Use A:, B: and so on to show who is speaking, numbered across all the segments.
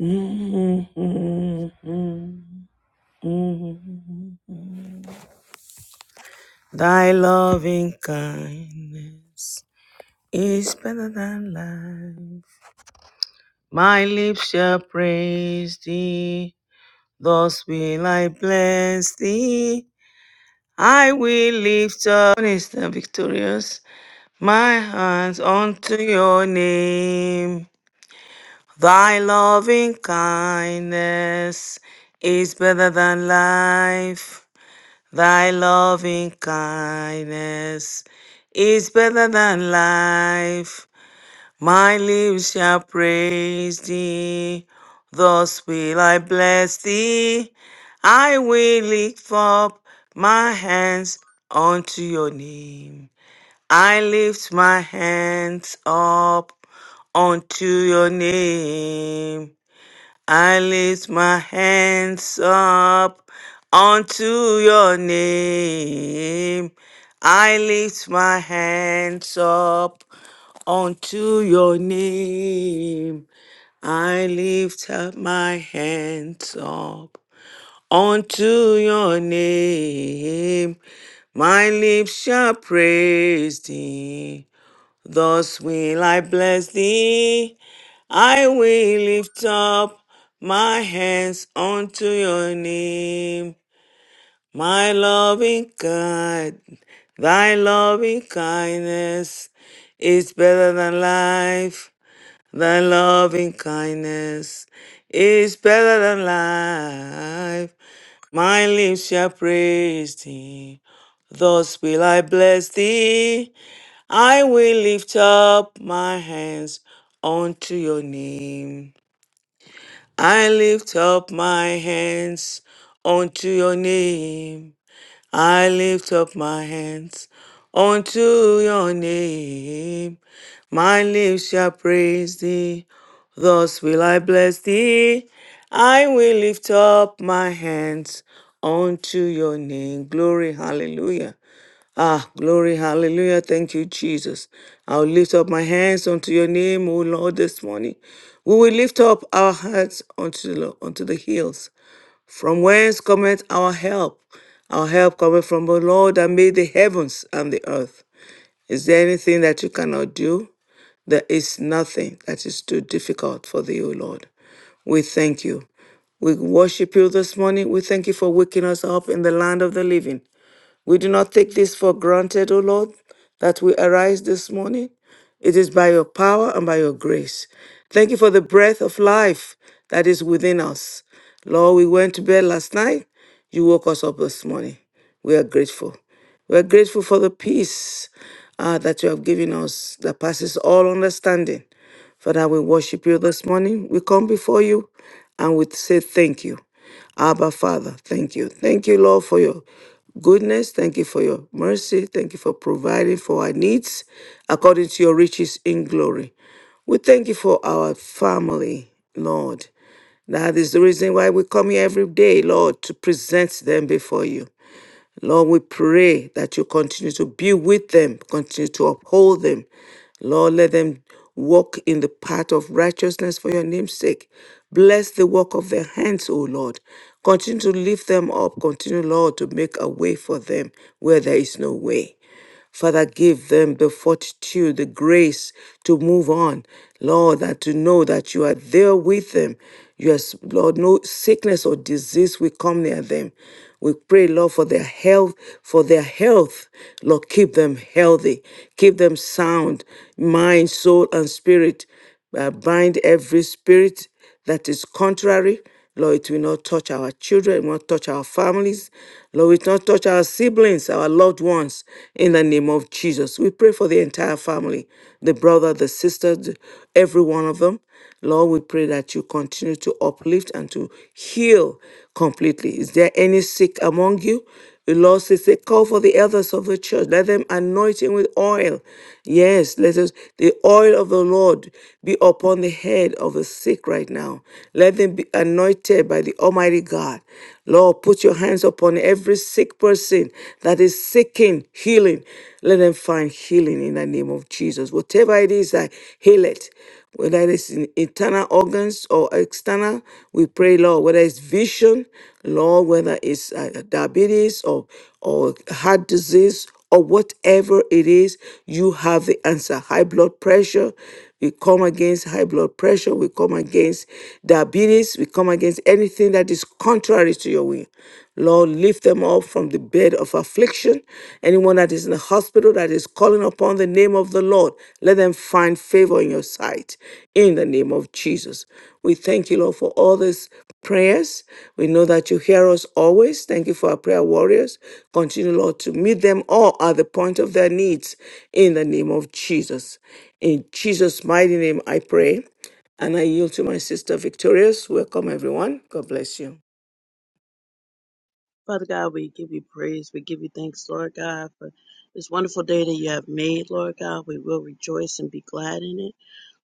A: Mm-hmm. Thy loving kindness is better than life. My lips shall praise thee. Thus will I bless thee. I will lift up, What is the victorious, my hands unto your name. Thy loving kindness is better than life. Thy loving kindness is better than life. My lips shall praise thee. Thus will I bless thee. I will lift up my hands unto your name. I lift my hands up unto your name. I lift my hands up unto your name. I lift my hands up unto your name. I lift up my hands up unto your name. My lips shall praise thee. Thus will I bless thee. I will lift up my hands unto your name. My loving God, thy loving kindness is better than life. Thy loving kindness is better than life. My lips shall praise thee. Thus will I bless thee. I will lift up my hands unto your name. I lift up my hands unto your name. I lift up my hands unto your name. My lips shall praise thee. Thus will I bless thee. I will lift up my hands unto your name. Glory, hallelujah. Ah, glory, hallelujah. Thank you, Jesus. I'll lift up my hands unto your name, O Lord, this morning. We will lift up our hearts unto the, unto the hills. From whence cometh our help? Our help cometh from the Lord that made the heavens and the earth. Is there anything that you cannot do? There is nothing that is too difficult for thee, O Lord. We thank you. We worship you this morning. We thank you for waking us up in the land of the living. We do not take this for granted, O Lord, that we arise this morning. It is by your power and by your grace. Thank you for the breath of life that is within us. Lord, we went to bed last night. You woke us up this morning. We are grateful. We are grateful for the peace uh, that you have given us that passes all understanding. Father, we worship you this morning. We come before you and we say thank you. Abba, Father, thank you. Thank you, Lord, for your goodness. Thank you for your mercy. Thank you for providing for our needs according to your riches in glory. We thank you for our family, Lord. That is the reason why we come here every day, Lord, to present them before you. Lord, we pray that you continue to be with them, continue to uphold them. Lord, let them walk in the path of righteousness for your name's sake. Bless the work of their hands, O Lord. Continue to lift them up. Continue, Lord, to make a way for them where there is no way. Father, give them the fortitude, the grace to move on, Lord, and to know that you are there with them. Yes, Lord, no sickness or disease will come near them. We pray, Lord, for their health, for their health. Lord, keep them healthy, keep them sound, mind, soul, and spirit. Uh, bind every spirit that is contrary. Lord, it will not touch our children, it will not touch our families. Lord, it will not touch our siblings, our loved ones, in the name of Jesus. We pray for the entire family, the brother, the sister, the- every one of them. Lord, we pray that you continue to uplift and to heal completely. Is there any sick among you? The Lord says, they call for the elders of the church. Let them anoint him with oil. Yes, let us, the oil of the Lord be upon the head of the sick right now. Let them be anointed by the Almighty God. Lord, put your hands upon every sick person that is seeking healing. Let them find healing in the name of Jesus. Whatever it is, I heal it whether it's in internal organs or external. We pray, Lord, whether it's vision, Lord, whether it's uh, diabetes or, or heart disease or whatever it is, you have the answer. High blood pressure, we come against high blood pressure, we come against diabetes, we come against anything that is contrary to your will. Lord, lift them up from the bed of affliction. Anyone that is in the hospital that is calling upon the name of the Lord, let them find favor in your sight in the name of Jesus. We thank you, Lord, for all these prayers. We know that you hear us always. Thank you for our prayer warriors. Continue, Lord, to meet them all at the point of their needs in the name of Jesus. In Jesus' mighty name, I pray. And I yield to my sister Victorious. Welcome, everyone. God bless you.
B: Father God, we give you praise. We give you thanks, Lord God, for this wonderful day that you have made, Lord God. We will rejoice and be glad in it.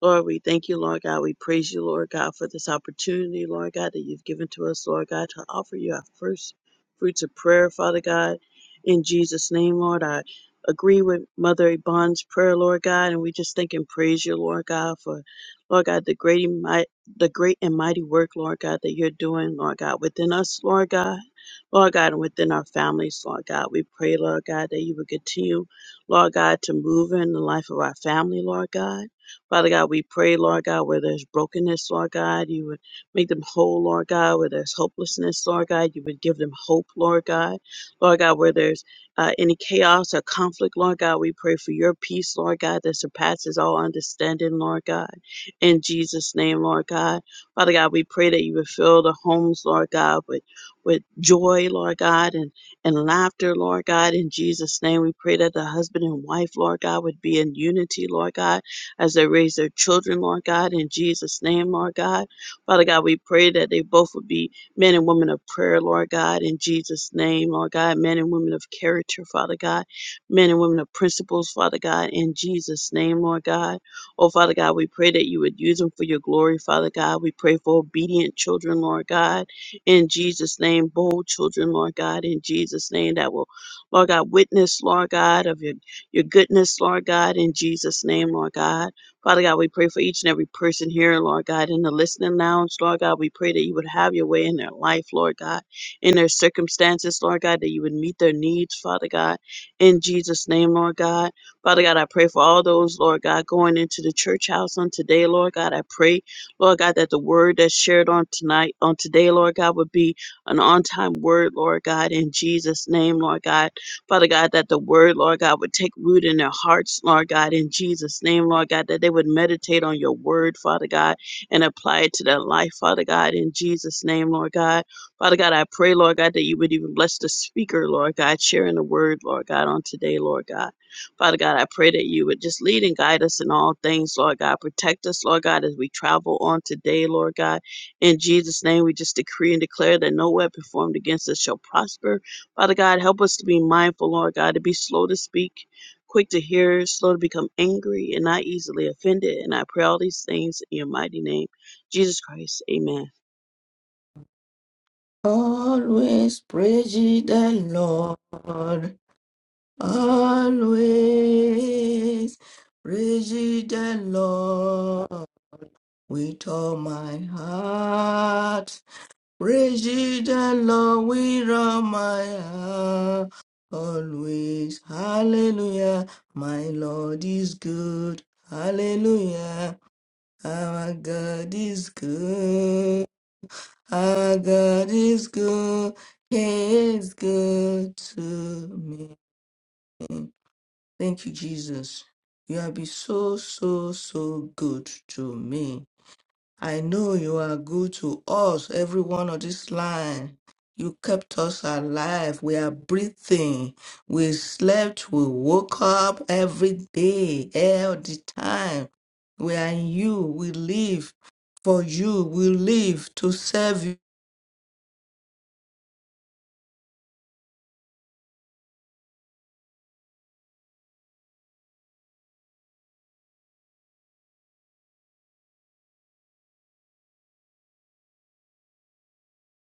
B: Lord, we thank you, Lord God. We praise you, Lord God, for this opportunity, Lord God, that you've given to us, Lord God, to offer you our first fruits of prayer, Father God. In Jesus' name, Lord, I agree with Mother Yvonne's prayer, Lord God, and we just thank and praise you, Lord God, for, Lord God, the great and mighty, the great and mighty work, Lord God, that you're doing, Lord God, within us, Lord God, Lord God, and within our families, Lord God. We pray, Lord God, that you would continue, Lord God, to move in the life of our family, Lord God. Father God, we pray, Lord God, where there's brokenness, Lord God, you would make them whole, Lord God, where there's hopelessness, Lord God, you would give them hope, Lord God. Lord God, where there's uh, any chaos or conflict, Lord God, we pray for your peace, Lord God, that surpasses all understanding, Lord God. In Jesus' name, Lord God. Father God, we pray that you would fill the homes, Lord God, with with joy, Lord God, and, and laughter, Lord God, in Jesus' name. We pray that the husband and wife, Lord God, would be in unity, Lord God as they raise their children, Lord God, in Jesus' name, Lord God. Father God, we pray that they both would be men and women of prayer, Lord God, in Jesus' name, Lord God, men and women of character, Father God, men and women of principles, Father God, in Jesus' name, Lord God. Oh, Father God, we pray that you would use them for your glory, Father God. We pray for obedient children, Lord God, in Jesus' name, bold children, Lord God, in Jesus' name, that will, Lord God, witness, Lord God, of your your goodness, Lord God, in Jesus' name, Lord God. Father God, we pray for each and every person here, Lord God, in the listening lounge, Lord God. We pray that you would have your way in their life, Lord God, in their circumstances, Lord God, that you would meet their needs, Father God, in Jesus' name, Lord God. Father God, I pray for all those, Lord God, going into the church house on today, Lord God. I pray, Lord God, that the word that's shared on tonight, on today, Lord God, would be an on time word, Lord God, in Jesus' name, Lord God Father God, that the word, Lord God, would take root in their hearts, Lord God, in Jesus' name, Lord God, that they would meditate on your word, Father God, and apply it to their life, Father God, in Jesus' name, Lord God. Father God, I pray, Lord God, that you would even bless the speaker, Lord God, sharing the word, Lord God, on today, Lord God. Father God, I pray that you would just lead and guide us in all things, Lord God. Protect us, Lord God, as we travel on today, Lord God. In Jesus' name, we just decree and declare that no weapon formed against us shall prosper Father God, help us to be mindful, Lord God, to be slow to speak, quick to hear, slow to become angry, and not easily offended. And I pray all these things in your mighty name, Jesus Christ. Amen.
C: Always praise ye the Lord. Always praise ye the Lord with all my heart. Praise ye the Lord with all my heart. Always, hallelujah. My Lord is good. Hallelujah. Our God is good. Our God is good. He is good to me. Thank you, Jesus. You have been so, so, so good to me. I know you are good to us, everyone on this line. You kept us alive. We are breathing. We slept. We woke up every day, all the time. We are in you. We live for you. We live to serve you.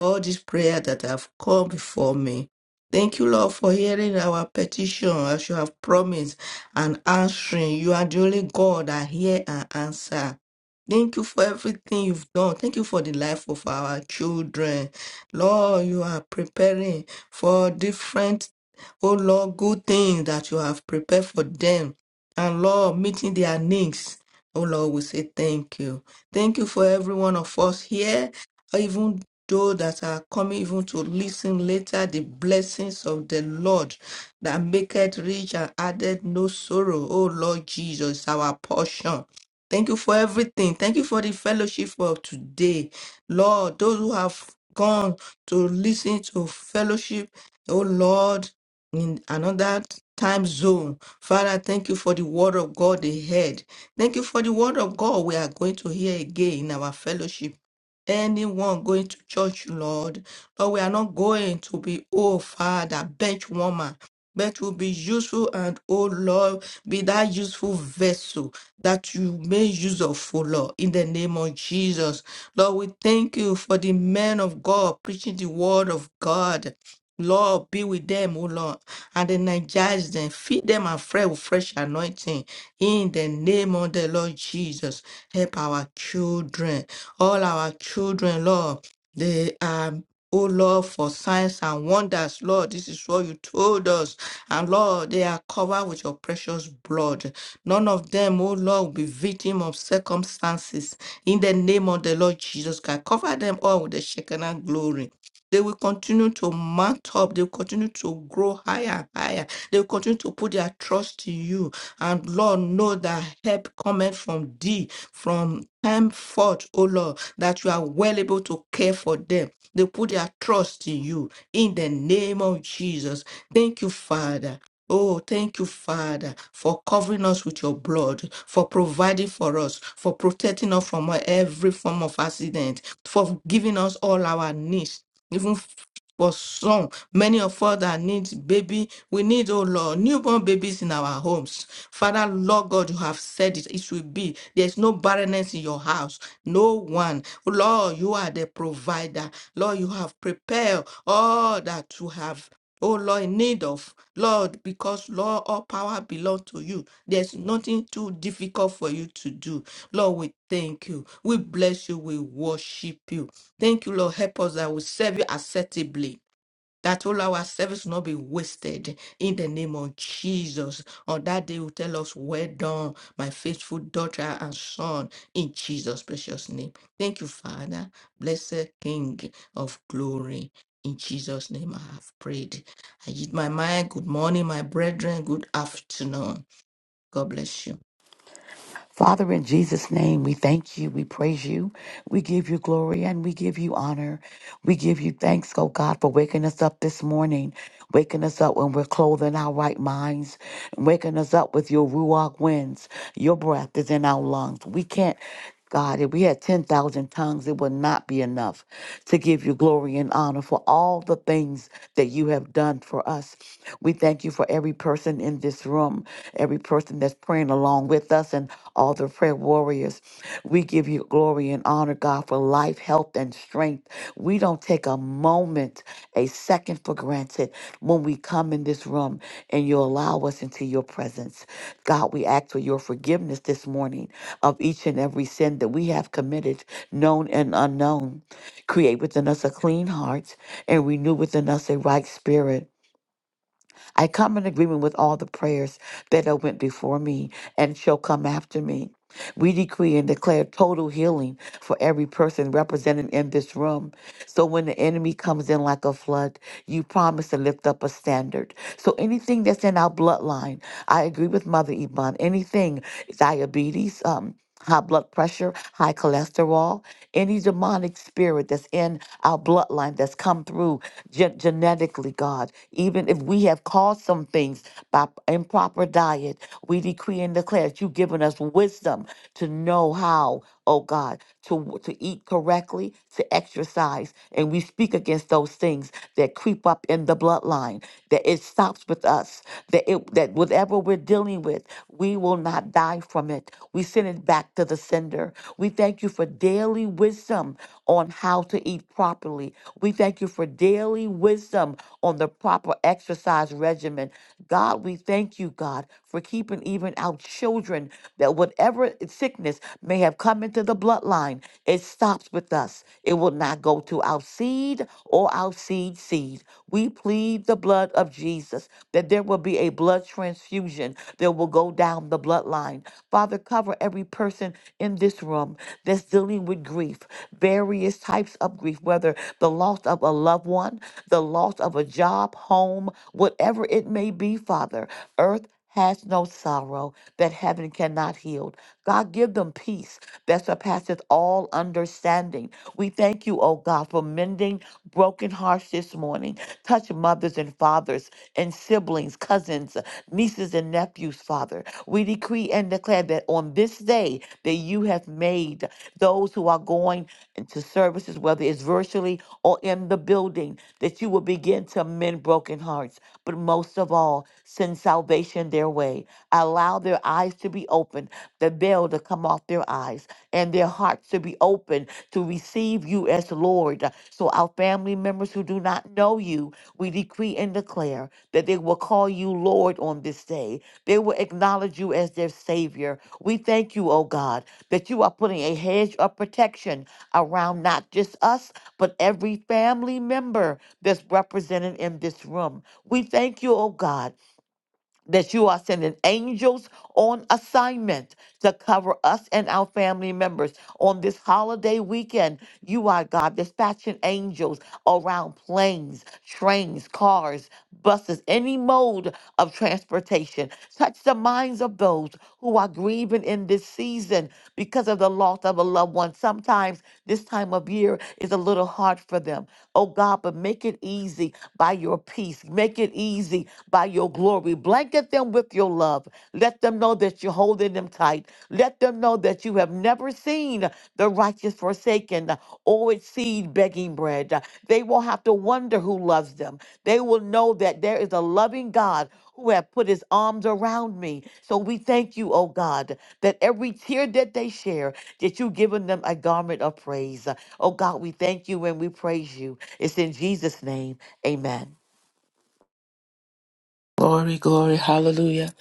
C: all this prayer that have come before me. Thank you, Lord, for hearing our petition as you have promised and answering. You are the only God that hear and answer. Thank you for everything you've done. Thank you for the life of our children. Lord, you are preparing for different, oh Lord, good things that you have prepared for them. And Lord, meeting their needs. Oh Lord, we say thank you. Thank you for every one of us here even those that are coming even to listen later, the blessings of the Lord that maketh rich and added no sorrow. Oh Lord Jesus, our portion. Thank you for everything. Thank you for the fellowship of today. Lord, those who have gone to listen to fellowship, oh Lord, in another time zone. Father, thank you for the word of God they heard. Thank you for the word of God we are going to hear again in our fellowship anyone going to church, Lord. Lord, we are not going to be, oh Father, bench warmer. But will be useful and oh Lord, be that useful vessel that you may use of, for Lord, in the name of Jesus. Lord, we thank you for the men of God preaching the word of God. Lord, be with them, oh Lord, and energize them, feed them afresh with fresh anointing in the name of the Lord Jesus. Help our children all our children, Lord. They are, oh Lord, for signs and wonders, Lord. This is what you told us. And Lord, they are covered with your precious blood. None of them, oh Lord, will be victim of circumstances. In the name of the Lord Jesus Christ, cover them all with the Shekinah glory. They will continue to mount up. They will continue to grow higher and higher. They will continue to put their trust in you. And Lord, know that help cometh from thee from time forth, O Lord, that you are well able to care for them. They put their trust in you in the name of Jesus. Thank you, Father. Oh, thank you, Father, for covering us with your blood, for providing for us, for protecting us from every form of accident, for giving us all our needs, even for some, many of us that need baby, we need, oh Lord, newborn babies in our homes. Father, Lord God, you have said it. It should be. There's no barrenness in your house. No one. Oh, Lord, you are the provider. Lord, you have prepared all that you have. Oh Lord, in need of Lord, because Lord, all power belongs to you. There's nothing too difficult for you to do. Lord, we thank you. We bless you. We worship you. Thank you, Lord. Help us that we serve you acceptably that all our service will not be wasted in the name of Jesus. On that day, will tell us, Well done, my faithful daughter and son, in Jesus' precious name. Thank you, Father. Blessed King of glory. In Jesus' name, I have prayed. I yield my mind. Good morning, my brethren. Good afternoon. God bless you.
D: Father, in Jesus' name, we thank you, we praise you, we give you glory, and we give you honor. We give you thanks, oh God, for waking us up this morning, waking us up when we're clothing our right minds, waking us up with your ruach winds. Your breath is in our lungs. We can't. God, if we had 10,000 tongues, it would not be enough to give you glory and honor for all the things that you have done for us. We thank you for every person in this room, every person that's praying along with us, and all the prayer warriors. We give you glory and honor, God, for life, health, and strength. We don't take a moment, a second for granted when we come in this room and you allow us into your presence. God, we ask for your forgiveness this morning of each and every sin that we have committed, known and unknown. Create within us a clean heart and renew within us a right spirit. I come in agreement with all the prayers that have went before me and shall come after me. We decree and declare total healing for every person represented in this room. So when the enemy comes in like a flood, you promise to lift up a standard. So anything that's in our bloodline, I agree with Mother Iban. Anything, diabetes, um, high blood pressure, high cholesterol, any demonic spirit that's in our bloodline that's come through gen- genetically, God. Even if we have caused some things by p- improper diet, we decree and declare that you've given us wisdom to know how, oh God to, w- to eat correctly, to exercise. And we speak against those things that creep up in the bloodline, that it stops with us, that, it, that whatever we're dealing with, we will not die from it. We send it back to the sender. We thank you for daily wisdom on how to eat properly. We thank you for daily wisdom on the proper exercise regimen. God, we thank you, God, for keeping even our children that whatever sickness, sickness may have come into the bloodline. It stops with us. It will not go to our seed or our seed seed. We plead the blood of Jesus that there will be a blood transfusion that will go down the bloodline. Father, cover every person in this room that's dealing with grief, various types of grief, whether the loss of a loved one, the loss of a job, home, whatever it may be, Father. Earth has no sorrow that heaven cannot heal. God, give them peace that surpasses all understanding. We thank you, oh God, for mending broken hearts this morning. Touch mothers and fathers and siblings, cousins, nieces and nephews nephews, Father. We decree and declare that on this day that you have made those who are going into services, whether it's virtually or in the building, that you will begin to mend broken hearts. But most of all, send salvation their way. Allow their eyes to be opened, the veil to come off their eyes, and their hearts to be open to receive you as Lord. So our family members who do not know you, we decree and declare that they will call you Lord on this day they will acknowledge you as their Savior. We thank you, oh God, that you are putting a hedge of protection around not just us, but every family member that's represented in this room. We thank you, oh God that you are sending angels on assignment to cover us and our family members on this holiday weekend. You are God dispatching angels around planes, trains, cars, buses, any mode of transportation. Touch the minds of those who are grieving in this season because of the loss of a loved one. Sometimes this time of year is a little hard for them. Oh God, but make it easy by your peace. Make it easy by your glory. Blanket them with your love. Let them know that you're holding them tight. Let them know that you have never seen the righteous forsaken or its seed begging bread. They won't have to wonder who loves them. They will know that there is a loving God who have put his arms around me. So we thank you, oh God, that every tear that they share, that you've given them a garment of praise. Oh God, we thank you and we praise you. It's in Jesus' name. Amen.
E: Glory, glory, hallelujah.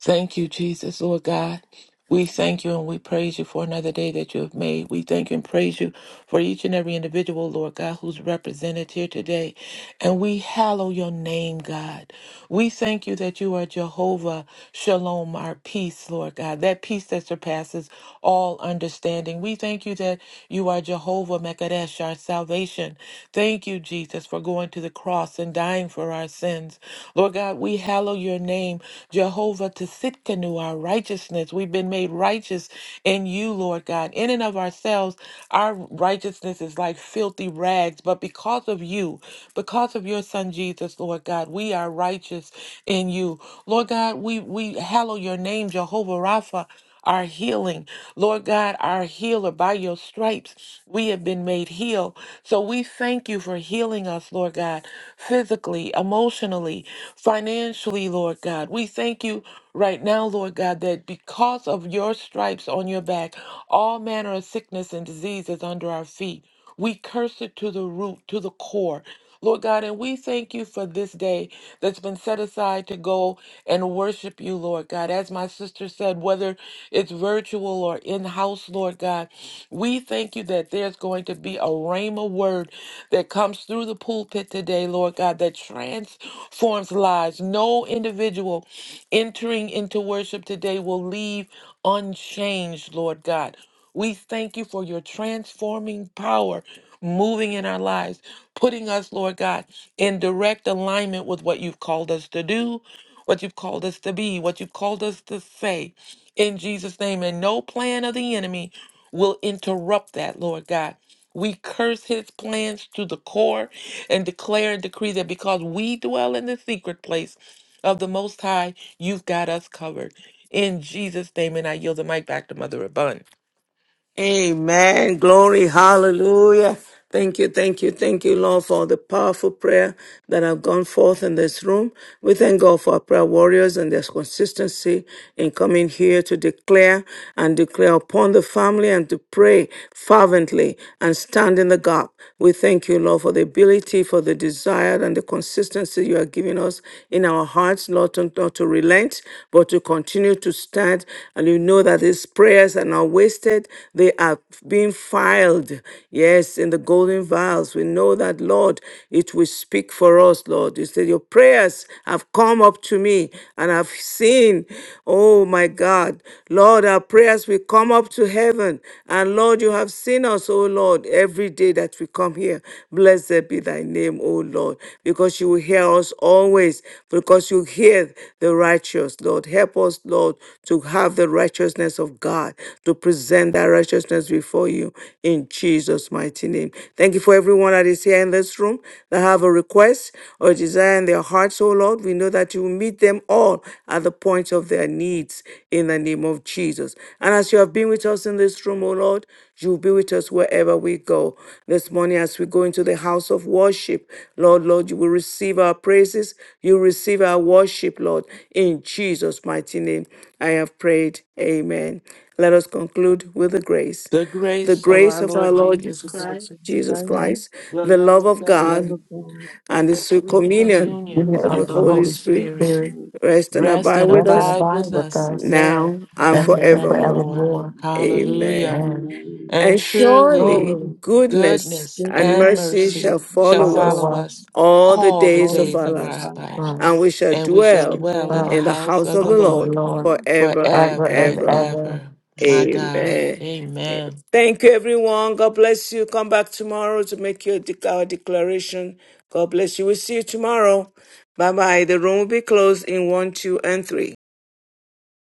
E: Thank you, Jesus, Lord God. We thank you and we praise you for another day that you have made. We thank you and praise you for each and every individual, Lord God, who's represented here today. And we hallow your name, God. We thank you that you are Jehovah Shalom, our peace, Lord God, that peace that surpasses all understanding. We thank you that you are Jehovah Mekadesh, our salvation. Thank you, Jesus, for going to the cross and dying for our sins. Lord God, we hallow your name, Jehovah Tisitkanu, our righteousness. We've been made righteous in you, Lord God. In and of ourselves, our righteousness is like filthy rags, but because because of you, because of your son Jesus, Lord God, we are righteous in you. Lord God, we, we hallow your name, Jehovah Rapha. Our healing, Lord God, our healer, by your stripes, we have been made heal. So we thank you for healing us, Lord God, physically, emotionally, financially, Lord God. We thank you right now, Lord God, that because of your stripes on your back, all manner of sickness and disease is under our feet. We curse it to the root, to the core. Lord God, and we thank you for this day that's been set aside to go and worship you, Lord God. As my sister said, whether it's virtual or in house, Lord God, we thank you that there's going to be a rhema word that comes through the pulpit today, Lord God, that transforms lives. No individual entering into worship today will leave unchanged, Lord God. We thank you for your transforming power moving in our lives, putting us, Lord God, in direct alignment with what you've called us to do, what you've called us to be, what you've called us to say in Jesus' name. And no plan of the enemy will interrupt that, Lord God. We curse his plans to the core and declare and decree that because we dwell in the secret place of the Most High, you've got us covered. In Jesus' name, and I yield the mic back to Mother Abund.
A: Amen. Glory. Hallelujah. Thank you, thank you, thank you, Lord, for the powerful prayer that have gone forth in this room. We thank God for our prayer warriors and their consistency in coming here to declare and declare upon the family and to pray fervently and stand in the gap. We thank you, Lord, for the ability, for the desire and the consistency you are giving us in our hearts us not to, not to relent, but to continue to stand. And you know that these prayers are not wasted, they are being filed, yes, in the golden vials. We know that, Lord, it will speak for us, Lord. You said, Your prayers have come up to me and I've seen, oh my God, Lord, our prayers will come up to heaven. And Lord, you have seen us, oh Lord, every day day that we come here. Blessed be thy name, O Lord, because you will hear us always, because you hear the righteous, Lord. Help us, Lord, to have the righteousness of God, to present that righteousness before you in Jesus' mighty name. Thank you for everyone that is here in this room that have a request or desire in their hearts, O Lord. We know that you will meet them all at the point of their needs in the name of Jesus. And as you have been with us in this room, O Lord, you will be with us wherever we go. This morning, as we go into the house of worship, Lord, Lord, you will receive our praises. You receive our worship, Lord. In Jesus' mighty name, I have prayed. Amen. Let us conclude with the grace.
E: The
A: The
E: grace of
A: grace
E: our
A: of our
E: Lord
A: Lord
E: Jesus
A: Jesus,
B: Lord
E: Christ,
B: Jesus
A: Jesus
B: Christ,
A: Christ,
E: the
A: the
E: love
A: love
E: of
A: of
B: the
E: God,
B: love
A: God,
B: of God,
A: and
E: and
A: the
E: the
A: sweet
B: and
E: sweet
B: the sweet
A: communion
D: Give
E: communion
B: communion
D: it
A: of
D: up
A: the
E: of
D: to
E: the
D: the
A: Holy
B: of
E: Holy
D: Holy
B: the
A: Spirit
B: Holy
E: Spirit
D: Spirit.
B: Spirit,
A: rest and
E: rest
A: abide
E: and
A: with
D: Rest
B: be
D: and
A: us
E: abide
D: abide
E: with
B: with us
D: with
E: us
D: us
E: now
A: now and
E: and
B: now
D: then and
B: and
A: forevermore.
E: forevermore.
D: forevermore.
B: forevermore.
A: Amen.
E: Hallelujah.
D: And
B: Amen.
E: And
A: And
B: And
E: surely
A: surely
D: surely
B: Surely
A: goodness
E: goodness
A: and
E: and
B: goodness
A: mercy
B: and
E: mercy
A: shall
B: mercy
E: shall
A: follow
B: shall
D: follow
A: us
E: follow
B: follow
E: us
D: us,
B: us
A: all the
E: all the
A: days
B: all
A: of
B: the
E: days
A: our
E: of
B: days of
A: lives,
E: our
B: our
E: lives,
A: and
B: lives.
A: we
D: us,
A: shall
E: and we
B: We
E: shall
B: shall
A: dwell
E: dwell in
B: dwell
E: the
A: in
D: well,
A: the
E: house
A: house
E: of
B: in
A: of
E: the
B: the
A: the
D: of the
B: house
E: Lord
A: Lord
B: of the
D: Lord,
B: Lord
A: forever and
D: ever
E: forever
B: Thank
D: and
E: and
A: ever.
D: ever.
E: ever. My God.
B: you.
A: Amen.
E: Amen.
A: Thank you, everyone. God bless you. Come back tomorrow to make your dec- our declaration. God bless you. We'll see you tomorrow. Bye bye. The room will be closed in one, two, and three.